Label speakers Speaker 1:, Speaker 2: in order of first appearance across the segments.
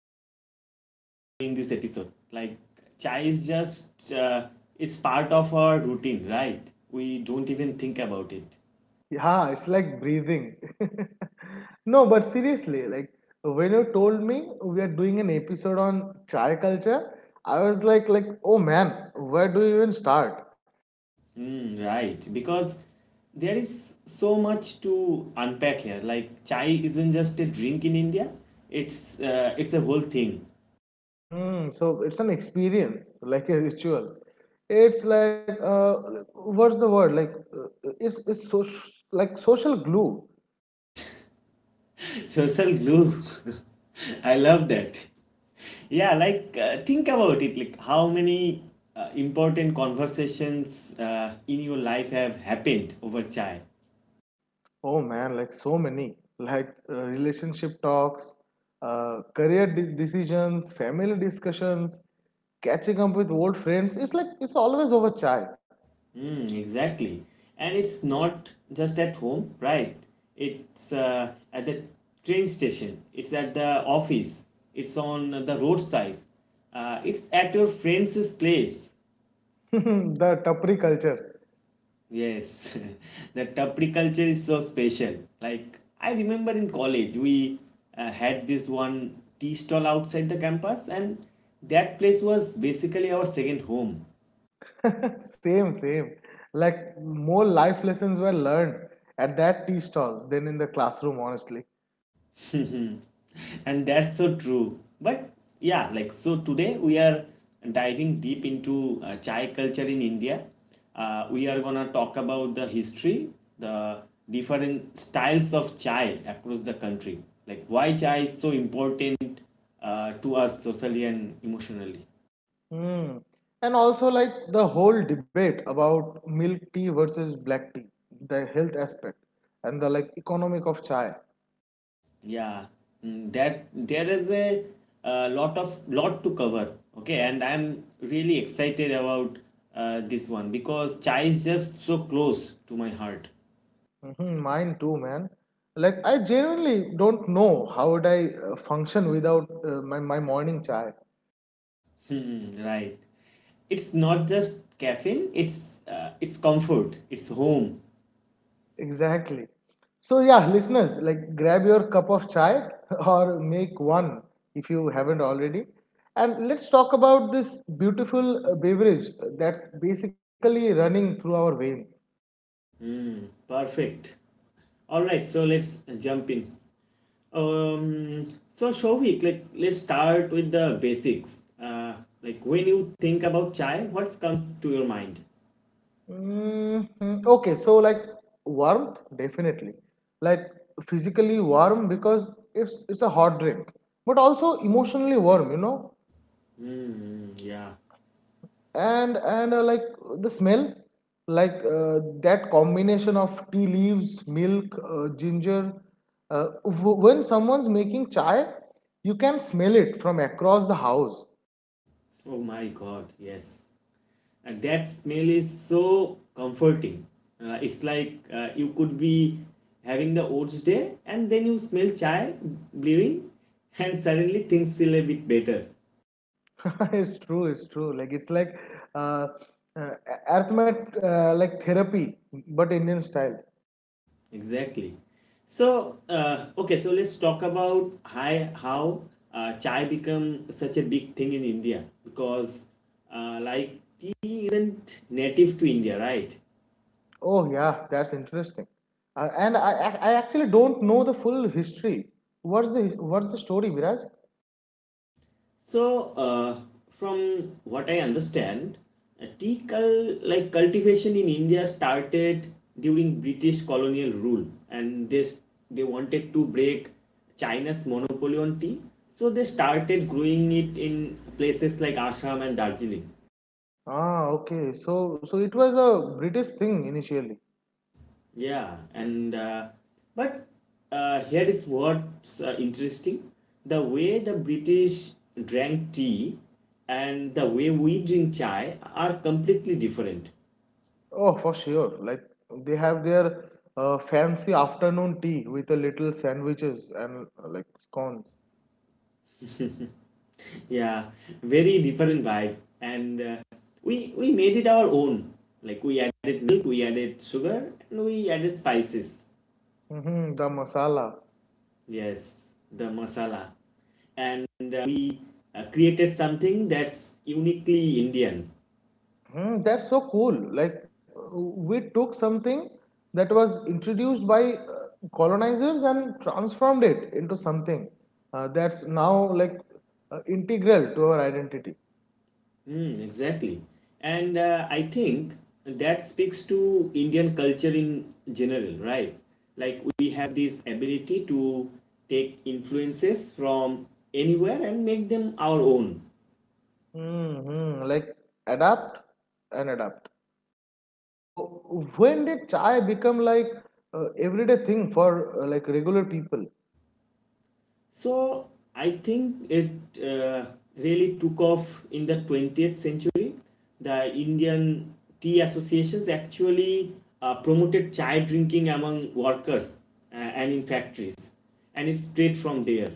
Speaker 1: why we are doing this episode. Like, chai is just is part of our routine, right? We don't even think about it.
Speaker 2: Yeah, it's like breathing. No, but seriously, like when you told me we are doing an episode on chai culture, I was like, oh man, where do you even start?
Speaker 1: Hmm, right, because there is so much to unpack here. Like chai isn't just a drink in India; it's a whole thing.
Speaker 2: So it's an experience, like a ritual. It's like what's the word? Like it's so like social glue.
Speaker 1: Social glue. I love that. Yeah, like, think about it. Like how many important conversations in your life have happened over chai?
Speaker 2: Oh man, like so many like relationship talks, decisions, family discussions, catching up with old friends. It's like it's always over chai.
Speaker 1: Mm, exactly. And it's not just at home, right? It's at the train station. It's at the office. It's on the roadside. It's at your friend's place.
Speaker 2: The tapri culture.
Speaker 1: Yes, the tapri culture is so special. Like, I remember in college, we had this one tea stall outside the campus, and that place was basically our second home.
Speaker 2: Same, same. Like more life lessons were learned at that tea stall than in the classroom, honestly.
Speaker 1: And that's so true. But yeah, like so today we are diving deep into chai culture in India. We are gonna talk about the history, the different styles of chai across the country, like why chai is so important to us socially and emotionally.
Speaker 2: Hmm, And also, like the whole debate about milk tea versus black tea, the health aspect, and the like economic of chai.
Speaker 1: Yeah, mm, that there is a, lot of lot to cover. Okay, and I'm really excited about this one because chai is just so close to my heart.
Speaker 2: Hmm. Mine too, man. Like I genuinely don't know how would I function without my morning chai.
Speaker 1: Hmm, right. It's not just caffeine. It's comfort. It's home.
Speaker 2: Exactly. So yeah, listeners, like grab your cup of chai or make one if you haven't already, and let's talk about this beautiful beverage that's basically running through our veins.
Speaker 1: Perfect. All right. So let's jump in. So Shovik, like let's start with the basics. Like when you think about chai, what comes to your mind?
Speaker 2: Mhm. Okay, so like warmth, definitely. Like physically warm because it's a hot drink, but also emotionally warm.
Speaker 1: Mm, yeah.
Speaker 2: And like the smell, like that combination of tea leaves, milk, ginger. When someone's making chai, you can smell it from across the house.
Speaker 1: Oh my God, yes. And that smell is so comforting. It's like you could be having the oats day and then you smell chai brewing and suddenly things feel a bit better.
Speaker 2: It's true. Like it's like uh, uh, arithmet like therapy but Indian style.
Speaker 1: Exactly. So, okay, so let's talk about how chai become such a big thing in India because like tea isn't native to India, right?
Speaker 2: Oh yeah, that's interesting. And I actually don't know the full history. What's the what's the story, Viraj?
Speaker 1: So, from what I understand, tea cul- like cultivation in India started during British colonial rule, and they wanted to break China's monopoly on tea, so they started growing it in places like Assam and Darjeeling.
Speaker 2: Ah, okay, so it was a British thing initially.
Speaker 1: Yeah, and but here is what's interesting: the way the British drank tea and the way we drink chai are completely different.
Speaker 2: Oh, for sure. Like they have their fancy afternoon tea with a little sandwiches and like scones.
Speaker 1: Yeah, very different vibe, and we made it our own. Like we added milk, we added sugar, and we added spices.
Speaker 2: Mm-hmm, the masala.
Speaker 1: Yes, the masala, and we created something that's uniquely Indian.
Speaker 2: Mm, that's so cool. Like, we took something that was introduced by colonizers and transformed it into something that's now like integral to our identity.
Speaker 1: Mm, exactly, and I think that speaks to Indian culture in general, right? Like we have this ability to take influences from anywhere and make them our own.
Speaker 2: Hmm, hmm. Like, adapt and adapt. So, when did chai become like everyday thing for like regular people?
Speaker 1: So I think it uh, really took off in the 20th century. The Indian tea associations actually promoted chai drinking among workers and in factories, and it spread from there.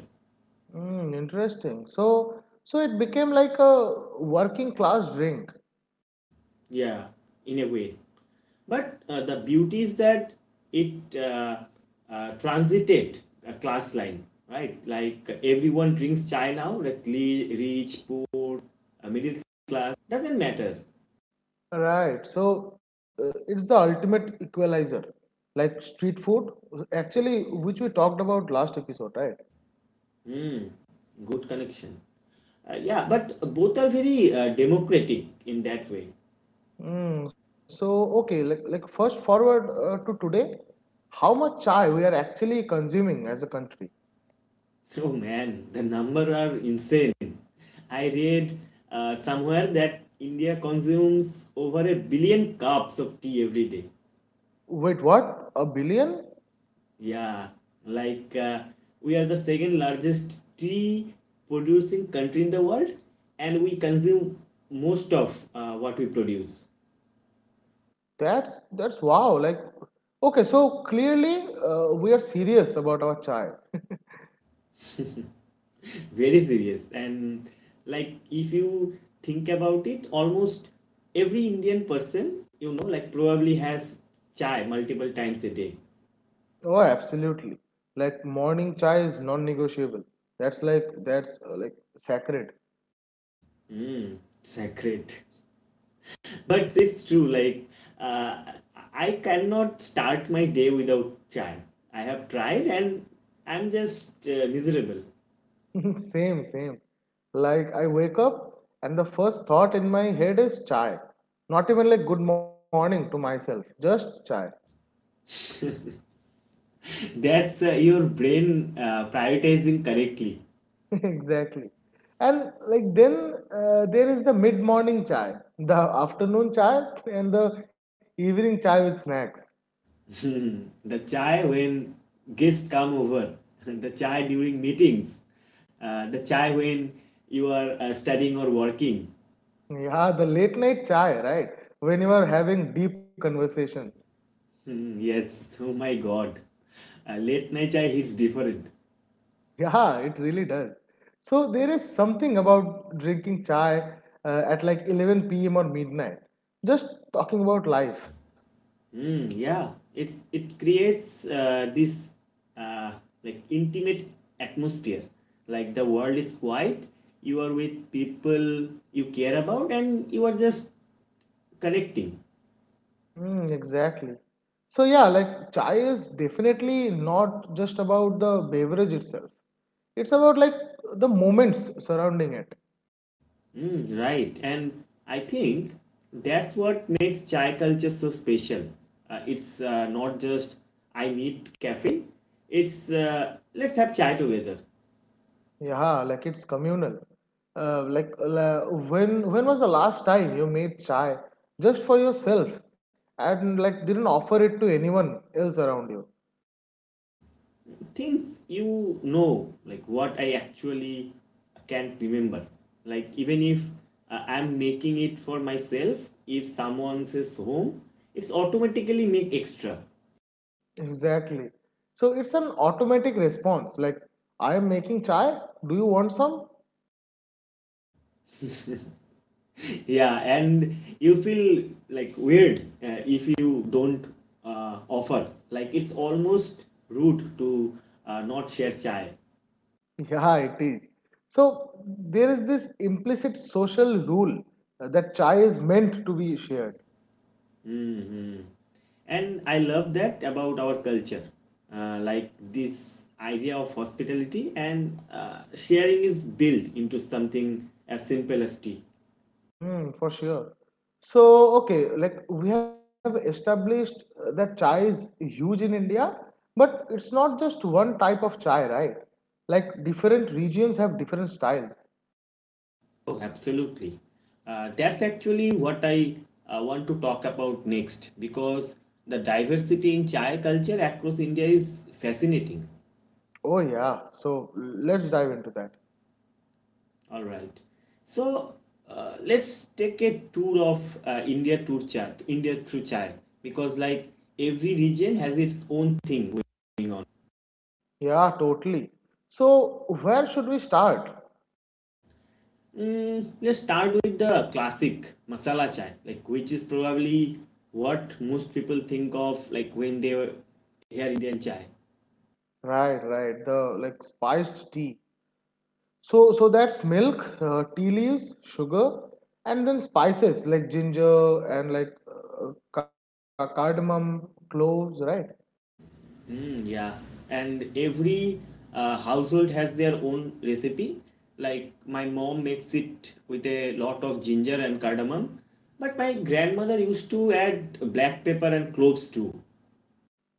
Speaker 2: Mm, interesting. So, it became like a working class drink.
Speaker 1: Yeah, in a way. But the beauty is that it transited a class line, right? Like everyone drinks chai now, like rich, poor, middle class doesn't matter.
Speaker 2: Right. So it's the ultimate equalizer, like street food. Actually, which we talked about last episode, right?
Speaker 1: Hmm. Good connection. Yeah, but both are very democratic in that way.
Speaker 2: So okay, like first forward to today, how much chai we are actually consuming as a country?
Speaker 1: Oh man, the number are insane. I read somewhere that India consumes over a billion cups of tea every day.
Speaker 2: Wait, what? A billion?
Speaker 1: Yeah, like we are the second largest tea producing country in the world, and we consume most of what we produce.
Speaker 2: That's wow. Like okay, so clearly we are serious about our chai.
Speaker 1: Very serious, and like if you think about it, almost every indian person you know like probably has chai multiple times a day.
Speaker 2: Oh, absolutely. Like morning chai is non-negotiable. That's like sacred.
Speaker 1: Mm, sacred. But it's true, like uh, I cannot start my day without chai. I have tried and I'm just miserable.
Speaker 2: Same, same. Like I wake up and the first thought in my head is chai. Not even like good morning to myself, just chai.
Speaker 1: That's your brain prioritizing correctly.
Speaker 2: Exactly. And like then there is the mid-morning chai, the afternoon chai, and the evening chai with snacks.
Speaker 1: Hmm. The chai when guests come over, the chai during meetings, the chai when you are studying or working.
Speaker 2: Yeah, the late night chai, right? When you are having deep conversations.
Speaker 1: Hmm. Yes, oh my God. Late night chai hits different.
Speaker 2: Yeah, it really does. So there is something about drinking chai at like 11 p.m. or midnight. Just talking about life.
Speaker 1: Hmm. Yeah, it creates this uh, like intimate atmosphere. Like the world is quiet, you are with people you care about, and you are just connecting.
Speaker 2: Mm, exactly. So yeah, like chai is definitely not just about the beverage itself. It's about like the moments surrounding it.
Speaker 1: Mm, right. And I think that's what makes chai culture so special. It's not just I need caffeine, it's let's have chai together.
Speaker 2: Yeah, like it's communal. Like when was the last time you made chai just for yourself and like didn't offer it to anyone else around you?
Speaker 1: Things you know, like what I actually can't remember. Like, even if I'm making it for myself, if someone says home, it's automatically make extra.
Speaker 2: Exactly. So it's an automatic response like, I am making chai. Do you want some?
Speaker 1: Yeah, and you feel like weird if you don't offer, like it's almost rude to not share chai.
Speaker 2: Yeah, it is. So there is this implicit social rule that chai is meant to be shared.
Speaker 1: Hmm, and I love that about our culture, like this idea of hospitality and sharing is built into something as simple as tea.
Speaker 2: Mm, for sure. So, okay, like we have established that chai is huge in India, but it's not just one type of chai, right? Like different regions have different styles.
Speaker 1: Oh, absolutely. That's actually what I want to talk about next, because the diversity in chai culture across India is fascinating.
Speaker 2: Oh, yeah. So let's dive into that.
Speaker 1: All right. So let's take a tour of India tour chai, India through chai, because like every region has its own thing going on.
Speaker 2: Yeah, totally. So where should we start?
Speaker 1: Mm, let's start with the classic masala chai, like which is probably what most people think of like when they hear Indian chai.
Speaker 2: Right, right. The like spiced tea. So that's milk, tea leaves, sugar, and then spices like ginger and like cardamom, cloves, right?
Speaker 1: Mm, yeah, and every household has their own recipe. Like my mom makes it with a lot of ginger and cardamom, but my grandmother used to add black pepper and cloves too.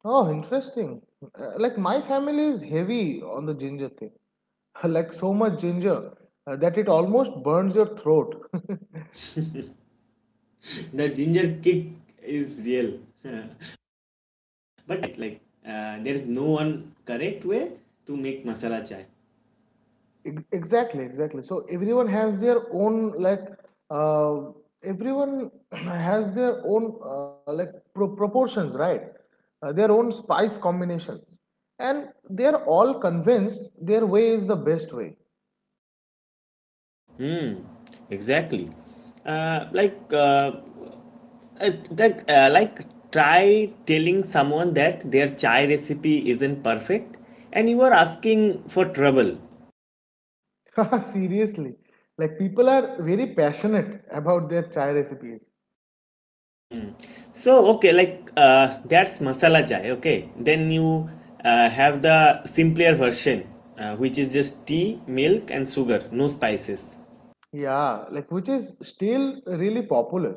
Speaker 2: Oh, interesting. Like my family is heavy on the ginger thing. Like so much ginger that it almost burns your throat.
Speaker 1: The ginger kick is real. But like there is no one correct way to make masala chai.
Speaker 2: Exactly, exactly. So uh, everyone has their own like proportions, right? Their own spice combinations, and they're all convinced their way is the best way.
Speaker 1: Exactly. Like that like Try telling someone that their chai recipe isn't perfect and you are asking for trouble.
Speaker 2: Seriously, like people are very passionate about their chai recipes.
Speaker 1: So okay, like that's masala chai. Okay, then you have the simpler version, which is just tea milk and sugar, no spices.
Speaker 2: Yeah, like which is still really popular.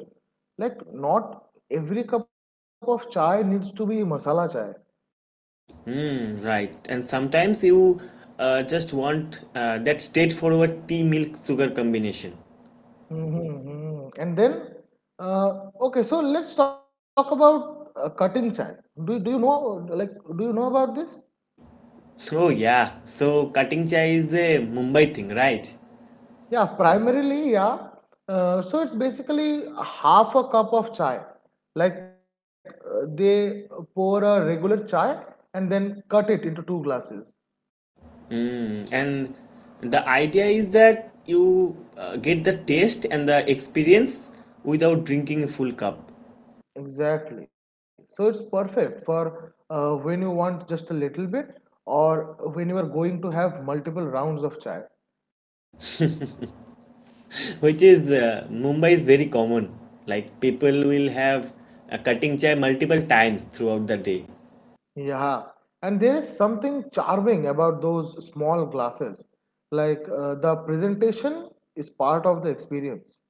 Speaker 2: Like not every cup of chai needs to be masala chai.
Speaker 1: Mm, right, and sometimes you just want that straightforward tea milk sugar combination.
Speaker 2: Mm-hmm, mm-hmm. And then, uh, okay, so let's talk about cutting chai. Do, do you know, like, do you know about this?
Speaker 1: Oh yeah, so cutting chai is a mumbai thing, right?
Speaker 2: Yeah, primarily, yeah. So it's basically half a cup of chai. Like, they pour a regular chai and then cut it into two glasses.
Speaker 1: Mm, and the idea is that you get the taste and the experience without drinking a full cup.
Speaker 2: Exactly. So it's perfect for when you want just a little bit or when you are going to have multiple rounds of chai.
Speaker 1: Which is mumbai is very common. Like people will have a cutting chai multiple times throughout the day.
Speaker 2: Yeah, and there is something charming about those small glasses. Like the presentation is part of the experience.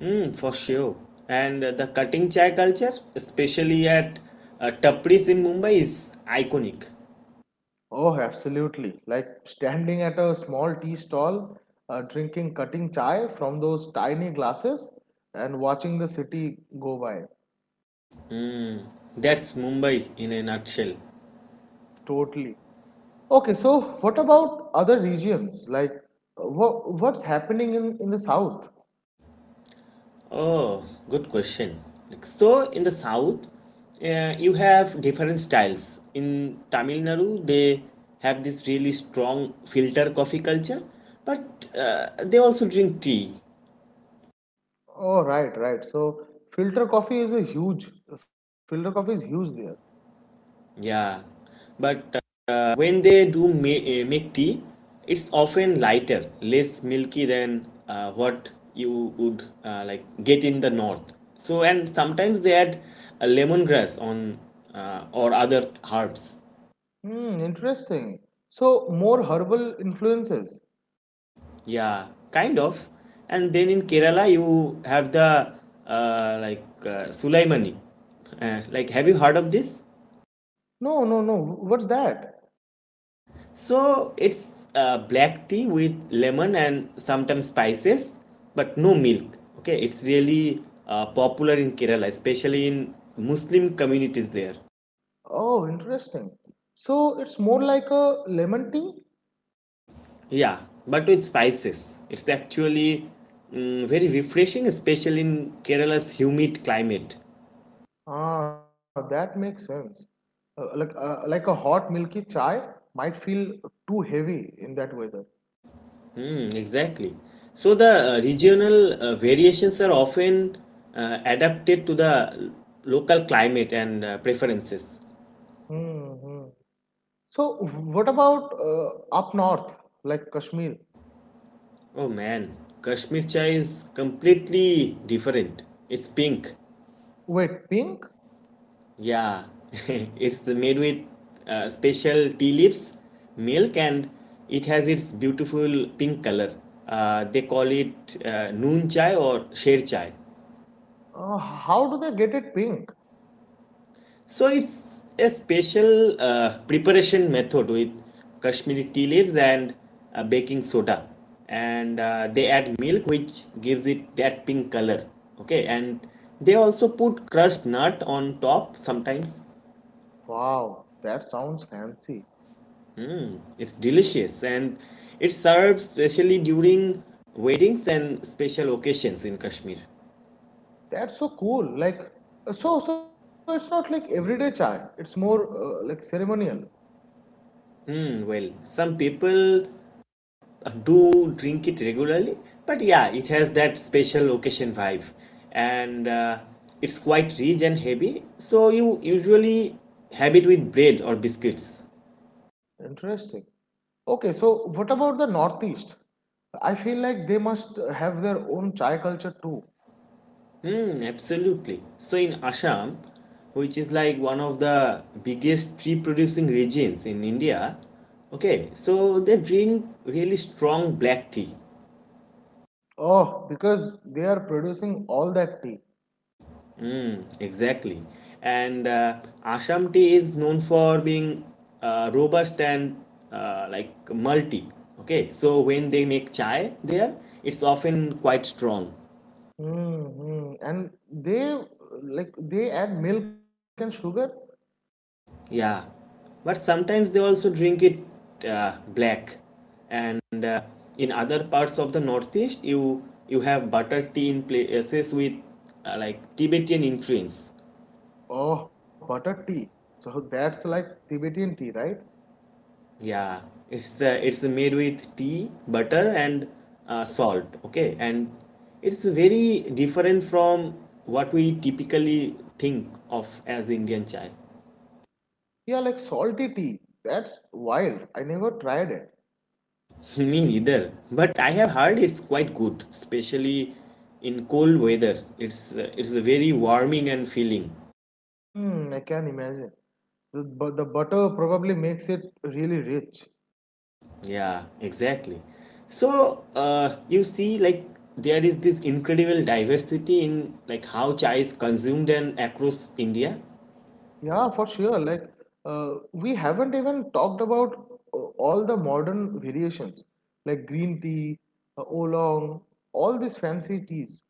Speaker 1: Mm, for sure, and the cutting chai culture especially at tapris in mumbai is iconic.
Speaker 2: Oh, absolutely. Like standing at a small tea stall, drinking cutting chai from those tiny glasses and watching the city go by.
Speaker 1: That's mumbai in a nutshell.
Speaker 2: Totally. Okay, so what about other regions? Like what's happening in the south?
Speaker 1: Oh, good question. Like, so in the south, you have different styles. In Tamil Nadu, they have this really strong filter coffee culture, but they also drink tea.
Speaker 2: Oh, right, right. So filter coffee is a huge, filter coffee is huge there.
Speaker 1: Yeah, but when they do make tea, it's often lighter, less milky than what you would like get in the north. So and sometimes they add lemongrass on or other herbs.
Speaker 2: Hmm, interesting. So more herbal influences.
Speaker 1: Yeah, kind of. And then in Kerala, you have the Sulaimani. Like, have you heard of this?
Speaker 2: No, no, no. What's that?
Speaker 1: So it's black tea with lemon and sometimes spices, but no milk. Okay, it's really popular in Kerala, especially in Muslim communities there.
Speaker 2: Oh, interesting. So it's more like a lemon tea?
Speaker 1: Yeah, but with spices. It's actually mm, very refreshing, especially in Kerala's humid climate.
Speaker 2: Ah, that makes sense. Like a hot milky chai might feel too heavy in that weather.
Speaker 1: Hmm. Exactly. So the regional variations are often adapted to the local climate and preferences.
Speaker 2: Hmm. So what about up north, like Kashmir?
Speaker 1: Oh man, Kashmir chai is completely different. It's pink.
Speaker 2: Wait, pink?
Speaker 1: Yeah, it's made with special tea leaves, milk, and it has its beautiful pink color. They call it noon chai or sher chai.
Speaker 2: How do they get it pink?
Speaker 1: So it's a special preparation method with Kashmiri tea leaves and baking soda, and they add milk, which gives it that pink color. Okay, and they also put crushed nut on top. Sometimes
Speaker 2: Wow, that sounds fancy.
Speaker 1: it's delicious, and it serves specially during weddings and special occasions in Kashmir.
Speaker 2: That's so cool. Like, so it's not like everyday chai. It's more like ceremonial.
Speaker 1: Hmm, well, some people do drink it regularly, but yeah, it has that special occasion vibe, and it's quite rich and heavy. So you usually have it with bread or biscuits.
Speaker 2: Interesting. Okay, so what about the Northeast? I feel like they must have their own chai culture too.
Speaker 1: Hmm, absolutely. So in Assam, which is like one of the biggest tree producing regions in India, okay, so they drink really strong black tea.
Speaker 2: Oh, because they are producing all that tea.
Speaker 1: Exactly. And Assam tea is known for being robust and like malty. Okay, so when they make chai there, it's often quite strong.
Speaker 2: Hmm. And they they add milk and sugar.
Speaker 1: Yeah. But sometimes they also drink it black. And in other parts of the Northeast, you have butter tea in places with like Tibetan influence.
Speaker 2: Oh, butter tea. So that's like Tibetan tea, right?
Speaker 1: Yeah, it's made with tea, butter, and salt. Okay, and it's very different from what we typically think of as Indian chai.
Speaker 2: Yeah, like salty tea. That's wild. I never tried it.
Speaker 1: Me neither, but I have heard it's quite good, especially in cold weather. It's very warming and filling.
Speaker 2: Mm, I can imagine. But the butter probably makes it really rich.
Speaker 1: Yeah, exactly. So you see, like there is this incredible diversity in like how chai is consumed and across India.
Speaker 2: Yeah, for sure. Like, we haven't even talked about all the modern variations, like green tea, oolong, all these fancy teas.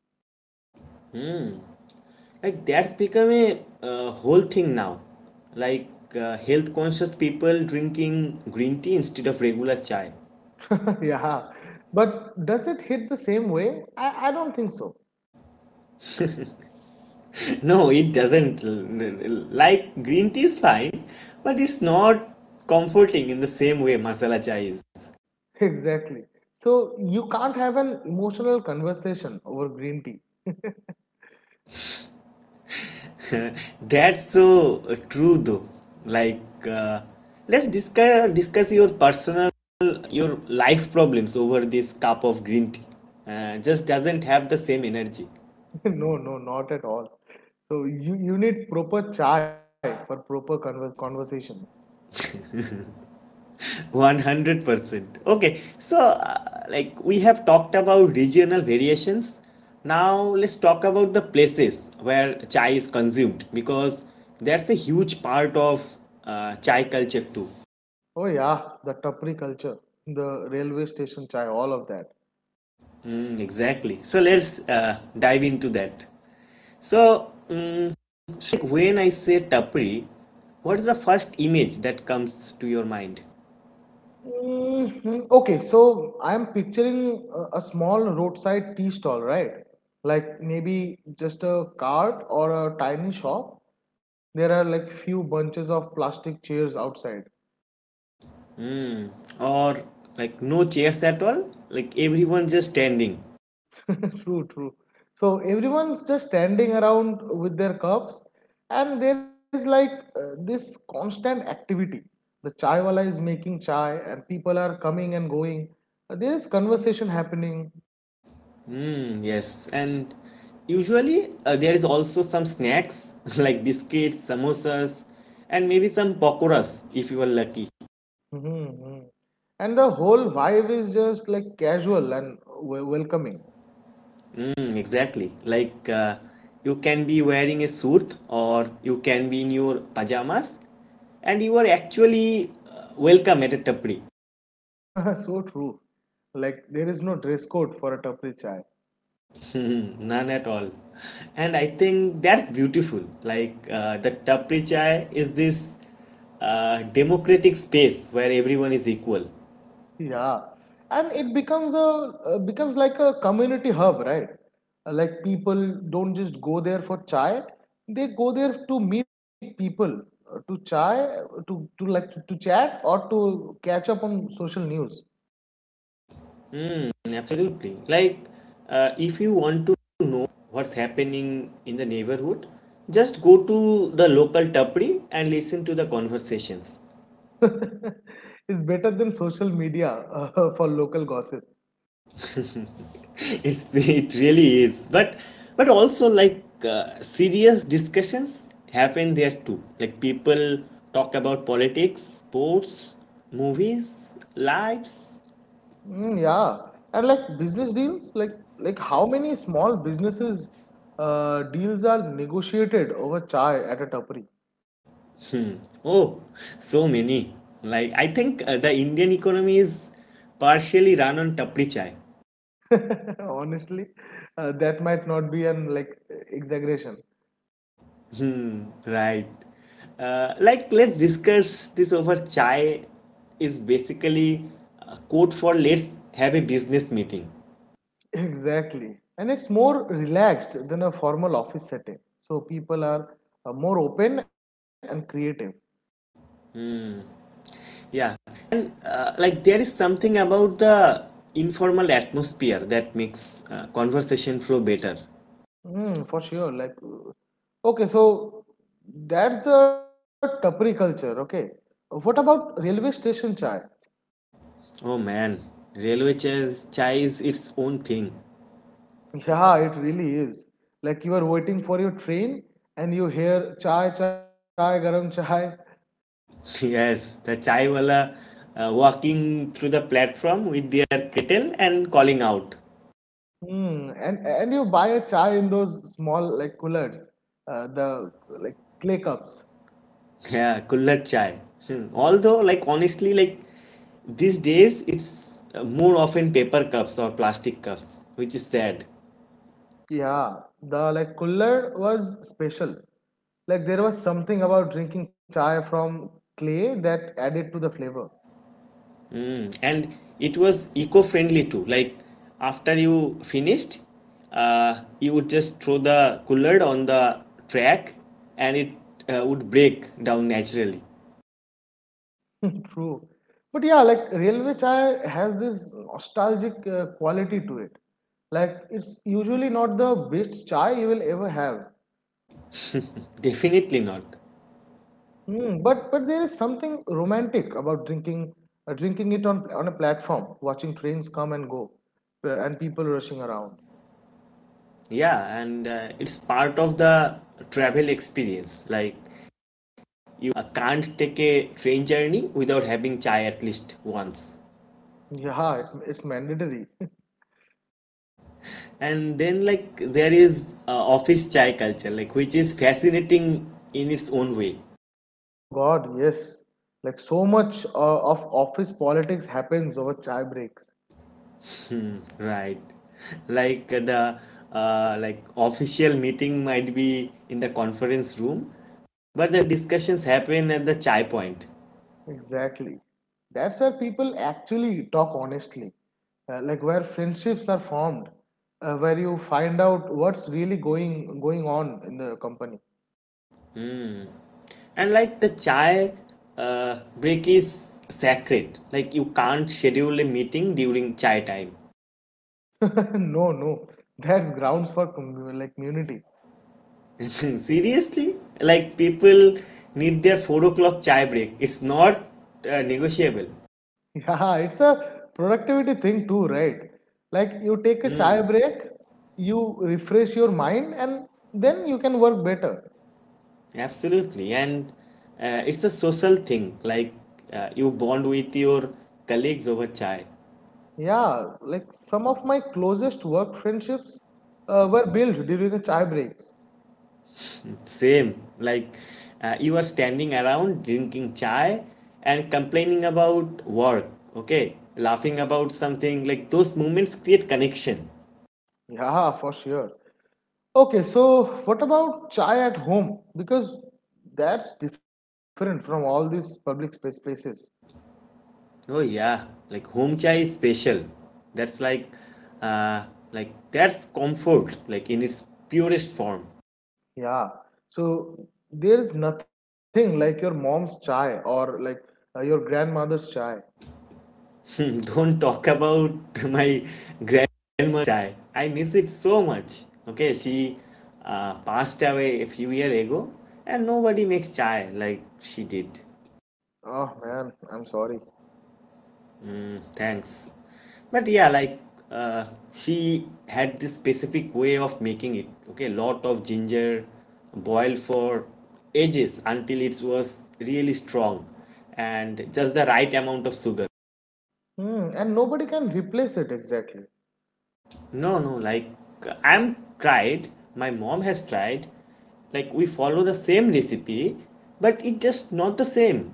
Speaker 1: Like that's become a whole thing now. Like health conscious people drinking green tea instead of regular chai.
Speaker 2: Yeah, but does it hit the same way? I don't think so.
Speaker 1: No, it doesn't. Like green tea is fine, but it's not comforting in the same way masala chai is.
Speaker 2: Exactly. So you can't have an emotional conversation over green tea.
Speaker 1: That's so true though. Like uh, let's discuss your personal your life problems over this cup of green tea. Just doesn't have the same energy.
Speaker 2: No, no, not at all. So you need proper chai for proper conversations.
Speaker 1: 100%. Okay, so like we have talked about regional variations. Now let's talk about the places where chai is consumed because that's a huge part of chai culture too.
Speaker 2: Oh yeah, the tapri culture, the railway station chai, all of that.
Speaker 1: Mm, exactly. So let's dive into that. So, Shrek, when I say tapri, what is the first image that comes to your mind?
Speaker 2: Mhm. Okay, so I'm picturing a small roadside tea stall, right? Like maybe just a cart or a tiny shop. There are like few bunches of plastic chairs outside.
Speaker 1: Or like no chairs at all? Like everyone just standing.
Speaker 2: True, true. So everyone's just standing around with their cups, and there is like this constant activity. The chaiwala is making chai, and people are coming and going. There is conversation happening.
Speaker 1: Mm, yes, and usually there is also some snacks like biscuits, samosas, and maybe some pakoras if you are lucky.
Speaker 2: Hmm. And the whole vibe is just like casual and welcoming.
Speaker 1: Mm, exactly. Like you can be wearing a suit or you can be in your pajamas and you are actually welcome at a tapri.
Speaker 2: So true. Like there is no dress code for a tapri chai.
Speaker 1: Mm, none at all. And I think that's beautiful. Like the tapri chai is this democratic space where everyone is equal.
Speaker 2: Yeah, and it becomes like a community hub, right? Like people don't just go there for chai; they go there to meet people, to to chat or to catch up on social news.
Speaker 1: Absolutely. Like, if you want to know what's happening in the neighborhood, just go to the local tapri and listen to the conversations.
Speaker 2: It's better than social media for local gossip.
Speaker 1: It really is. But also like serious discussions happen there too. Like people talk about politics, sports, movies, lives.
Speaker 2: Mm, yeah, and like business deals, like how many small businesses deals are negotiated over chai at a tapri?
Speaker 1: Oh, so many. Like I think the Indian economy is partially run on tapri chai.
Speaker 2: Honestly, that might not be an like exaggeration.
Speaker 1: Hmm, right. Like, let's discuss this over chai is basically a code for let's have a business meeting.
Speaker 2: Exactly. And it's more relaxed than a formal office setting. So people are more open and creative.
Speaker 1: Yeah. And like, there is something about the informal atmosphere that makes conversation flow better.
Speaker 2: Mm, for sure. Like, okay, so that's the tapri culture. Okay. What about railway station chai?
Speaker 1: Oh man, railway chairs, chai is its own thing.
Speaker 2: Yeah, it really is. Like you are waiting for your train and you hear chai, chai, garam chai.
Speaker 1: Yes, the chai wala walking through the platform with their kettle and calling out.
Speaker 2: Hmm. And you buy a chai in those small like coolers, the like clay cups.
Speaker 1: Yeah, kulhad chai. Hmm. Although, like honestly, like these days it's more often paper cups or plastic cups, which is sad.
Speaker 2: Yeah, the like cooler was special. Like there was something about drinking chai from clay that added to the flavor.
Speaker 1: Mm. And it was eco-friendly too. Like after you finished, you would just throw the kulhad on the track, and it would break down naturally.
Speaker 2: True, but yeah, like railway chai has this nostalgic quality to it. Like it's usually not the best chai you will ever have.
Speaker 1: Definitely not.
Speaker 2: Mm, but there is something romantic about drinking it on a platform, watching trains come and go, and people rushing around.
Speaker 1: Yeah, and it's part of the travel experience. Like you can't take a train journey without having chai at least once.
Speaker 2: Yeah, it's mandatory.
Speaker 1: And then, like, there is office chai culture, like, which is fascinating in its own way,
Speaker 2: Oh God, yes. Like so much of office politics happens over chai breaks.
Speaker 1: right? Like, the like official meeting might be in the conference room, but the discussions happen at the chai point.
Speaker 2: Exactly. That's where people actually talk honestly, like where friendships are formed, where you find out what's really going on in the company.
Speaker 1: And like the chai break is sacred. Like you can't schedule a meeting during chai time.
Speaker 2: No, no, that's grounds for like community.
Speaker 1: Seriously? Like people need their 4 o'clock chai break. It's not negotiable.
Speaker 2: Yeah, it's a productivity thing too, right? Like you take a chai
Speaker 1: Mm,
Speaker 2: break, you refresh your mind, and then you can work better.
Speaker 1: absolutely. And it's a social thing. Like you bond with your colleagues over chai.
Speaker 2: Yeah, like some of my closest work friendships were built during the chai breaks.
Speaker 1: Same. Like you are standing around drinking chai and complaining about work. Okay. Laughing about something. Like those moments create connection.
Speaker 2: Yeah, for sure. Okay, so what about chai at home? Because that's different from all these public spaces.
Speaker 1: Oh yeah, like home chai is special. That's uh, like that's comfort, like in its purest form.
Speaker 2: Yeah. So there's nothing like your mom's chai or like your grandmother's chai.
Speaker 1: Don't talk about my grandma chai. I miss it so much. Okay, she passed away a few years ago, and nobody makes chai like she did.
Speaker 2: Oh man, I'm sorry.
Speaker 1: Thanks. But yeah, like uh, she had this specific way of making it. Okay, lot of ginger boiled for ages until it was really strong and just the right amount of sugar.
Speaker 2: Hmm. And nobody can replace it exactly.
Speaker 1: No, no, like I'm tried, my mom has tried. Like we follow the same recipe, but it just not the same.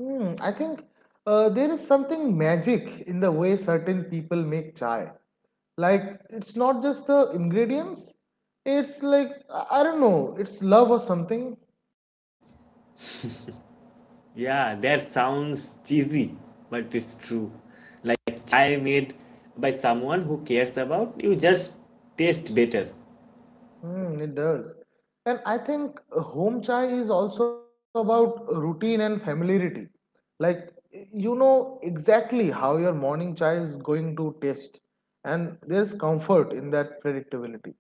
Speaker 2: Hmm. I think there is something magic in the way certain people make chai. Like it's not just the ingredients. It's like I don't know. It's love or something.
Speaker 1: Yeah, that sounds cheesy, but it's true. Like chai made by someone who cares about you just taste better.
Speaker 2: Mm, it does. And I think home chai is also about routine and familiarity. Like, you know exactly how your morning chai is going to taste, and there's comfort in that predictability.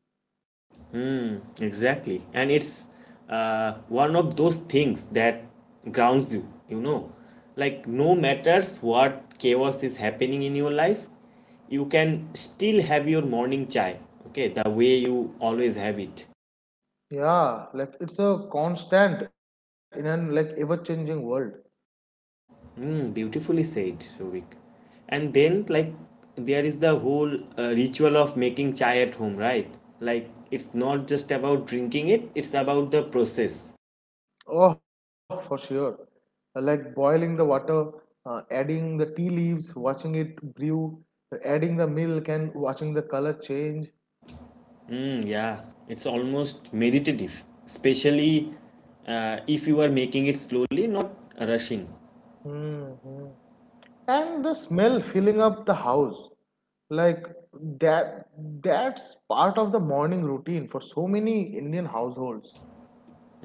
Speaker 1: Hmm, exactly. And it's one of those things that grounds you, you know. Like no matters what chaos is happening in your life, you can still have your morning chai, okay, the way you always have it.
Speaker 2: Yeah, like it's a constant in an like ever-changing world.
Speaker 1: Mm, beautifully said, Shovik. And then, like, there is the whole ritual of making chai at home, right? Like, it's not just about drinking it, it's about the process.
Speaker 2: Oh, for sure. Like boiling the water, adding the tea leaves, watching it brew, adding the milk, and watching the color change.
Speaker 1: Mm, yeah, it's almost meditative, especially if you are making it slowly, not rushing.
Speaker 2: Hmm, hmm. And the smell filling up the house, like that that's part of the morning routine for so many Indian households.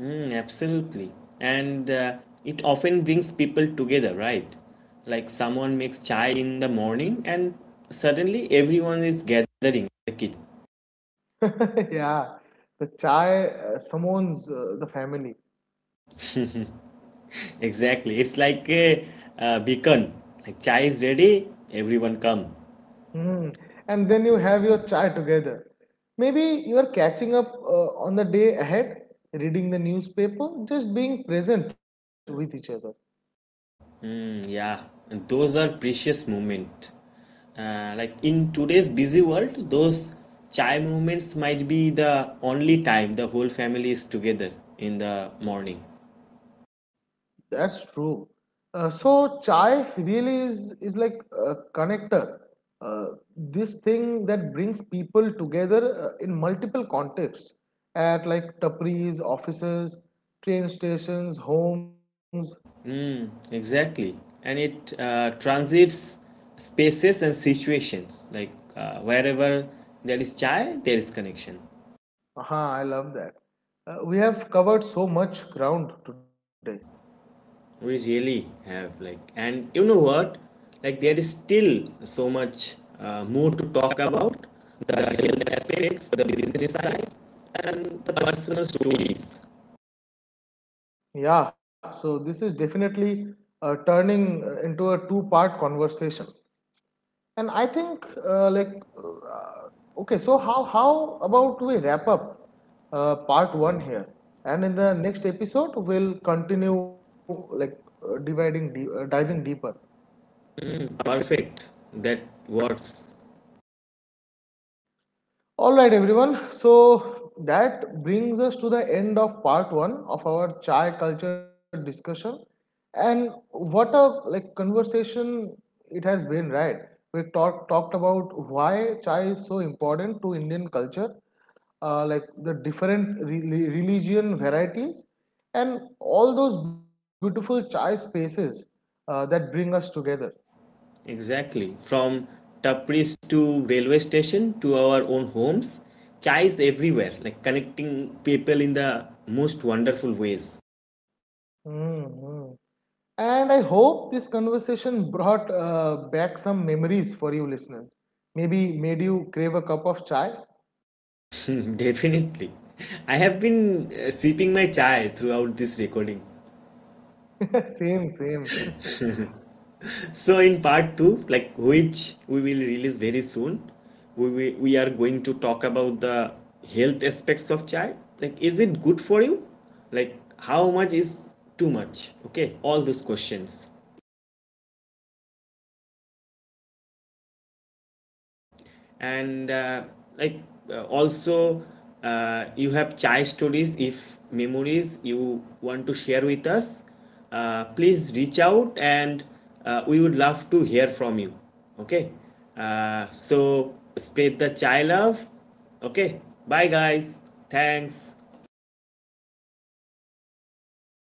Speaker 1: Mm, absolutely. And it often brings people together, right? Like, someone makes chai in the morning, and suddenly everyone is gathering in the kitchen.
Speaker 2: Yeah, the chai summons the family.
Speaker 1: Exactly. It's like a, beacon. Like chai is ready, everyone come.
Speaker 2: Mm. And then you have your chai together, maybe you are catching up on the day ahead, reading the newspaper, just being present with each other.
Speaker 1: Mm, yeah, and those are precious moment. Like in today's busy world, those chai moments might be the only time the whole family is together in the morning.
Speaker 2: That's true. So chai really is like a connector. Uh, this thing that brings people together in multiple contexts, at like tapris, offices, train stations, homes.
Speaker 1: Mm, exactly. And it transits spaces and situations. Like wherever there is chai, there is connection.
Speaker 2: Aha, I love that. We have covered so much ground today.
Speaker 1: We really have like, and you know what? Like there is still so much more to talk about the health aspects, the business side, and the personal stories.
Speaker 2: Yeah, so this is definitely turning into a two-part conversation. And I think like okay, so how about we wrap up part one here, and in the next episode we'll continue like diving deeper.
Speaker 1: Perfect. That works
Speaker 2: All right, everyone. So that brings us to the end of part one of our chai culture discussion, and what a like conversation it has been, right? We talked about why chai is so important to Indian culture, like the different religion varieties and all those beautiful chai spaces that bring us together.
Speaker 1: exactly. From tapris to railway station to our own homes, chai is everywhere. Like connecting people in the most wonderful ways.
Speaker 2: Mm-hmm. And I hope this conversation brought back some memories for you listeners. Maybe made you crave a cup of chai.
Speaker 1: Definitely. I have been sipping my chai throughout this recording.
Speaker 2: Same, same.
Speaker 1: So in part 2, like which we will release very soon, we are going to talk about the health aspects of chai. Like, is it good for you? Like how much is too much? Okay, all those questions.
Speaker 2: Yeah. And we will also dive into the business and
Speaker 1: And
Speaker 2: economics
Speaker 1: like
Speaker 2: of chai
Speaker 1: also
Speaker 2: and share some
Speaker 1: you
Speaker 2: personal
Speaker 1: have
Speaker 2: chai
Speaker 1: chai
Speaker 2: stories
Speaker 1: stories
Speaker 2: that are
Speaker 1: if
Speaker 2: really
Speaker 1: memories
Speaker 2: close to our
Speaker 1: you
Speaker 2: hearts.
Speaker 1: want to share with us, please reach out, and we would love to hear from you. Okay. So spread the chai love. Okay, bye guys. Thanks.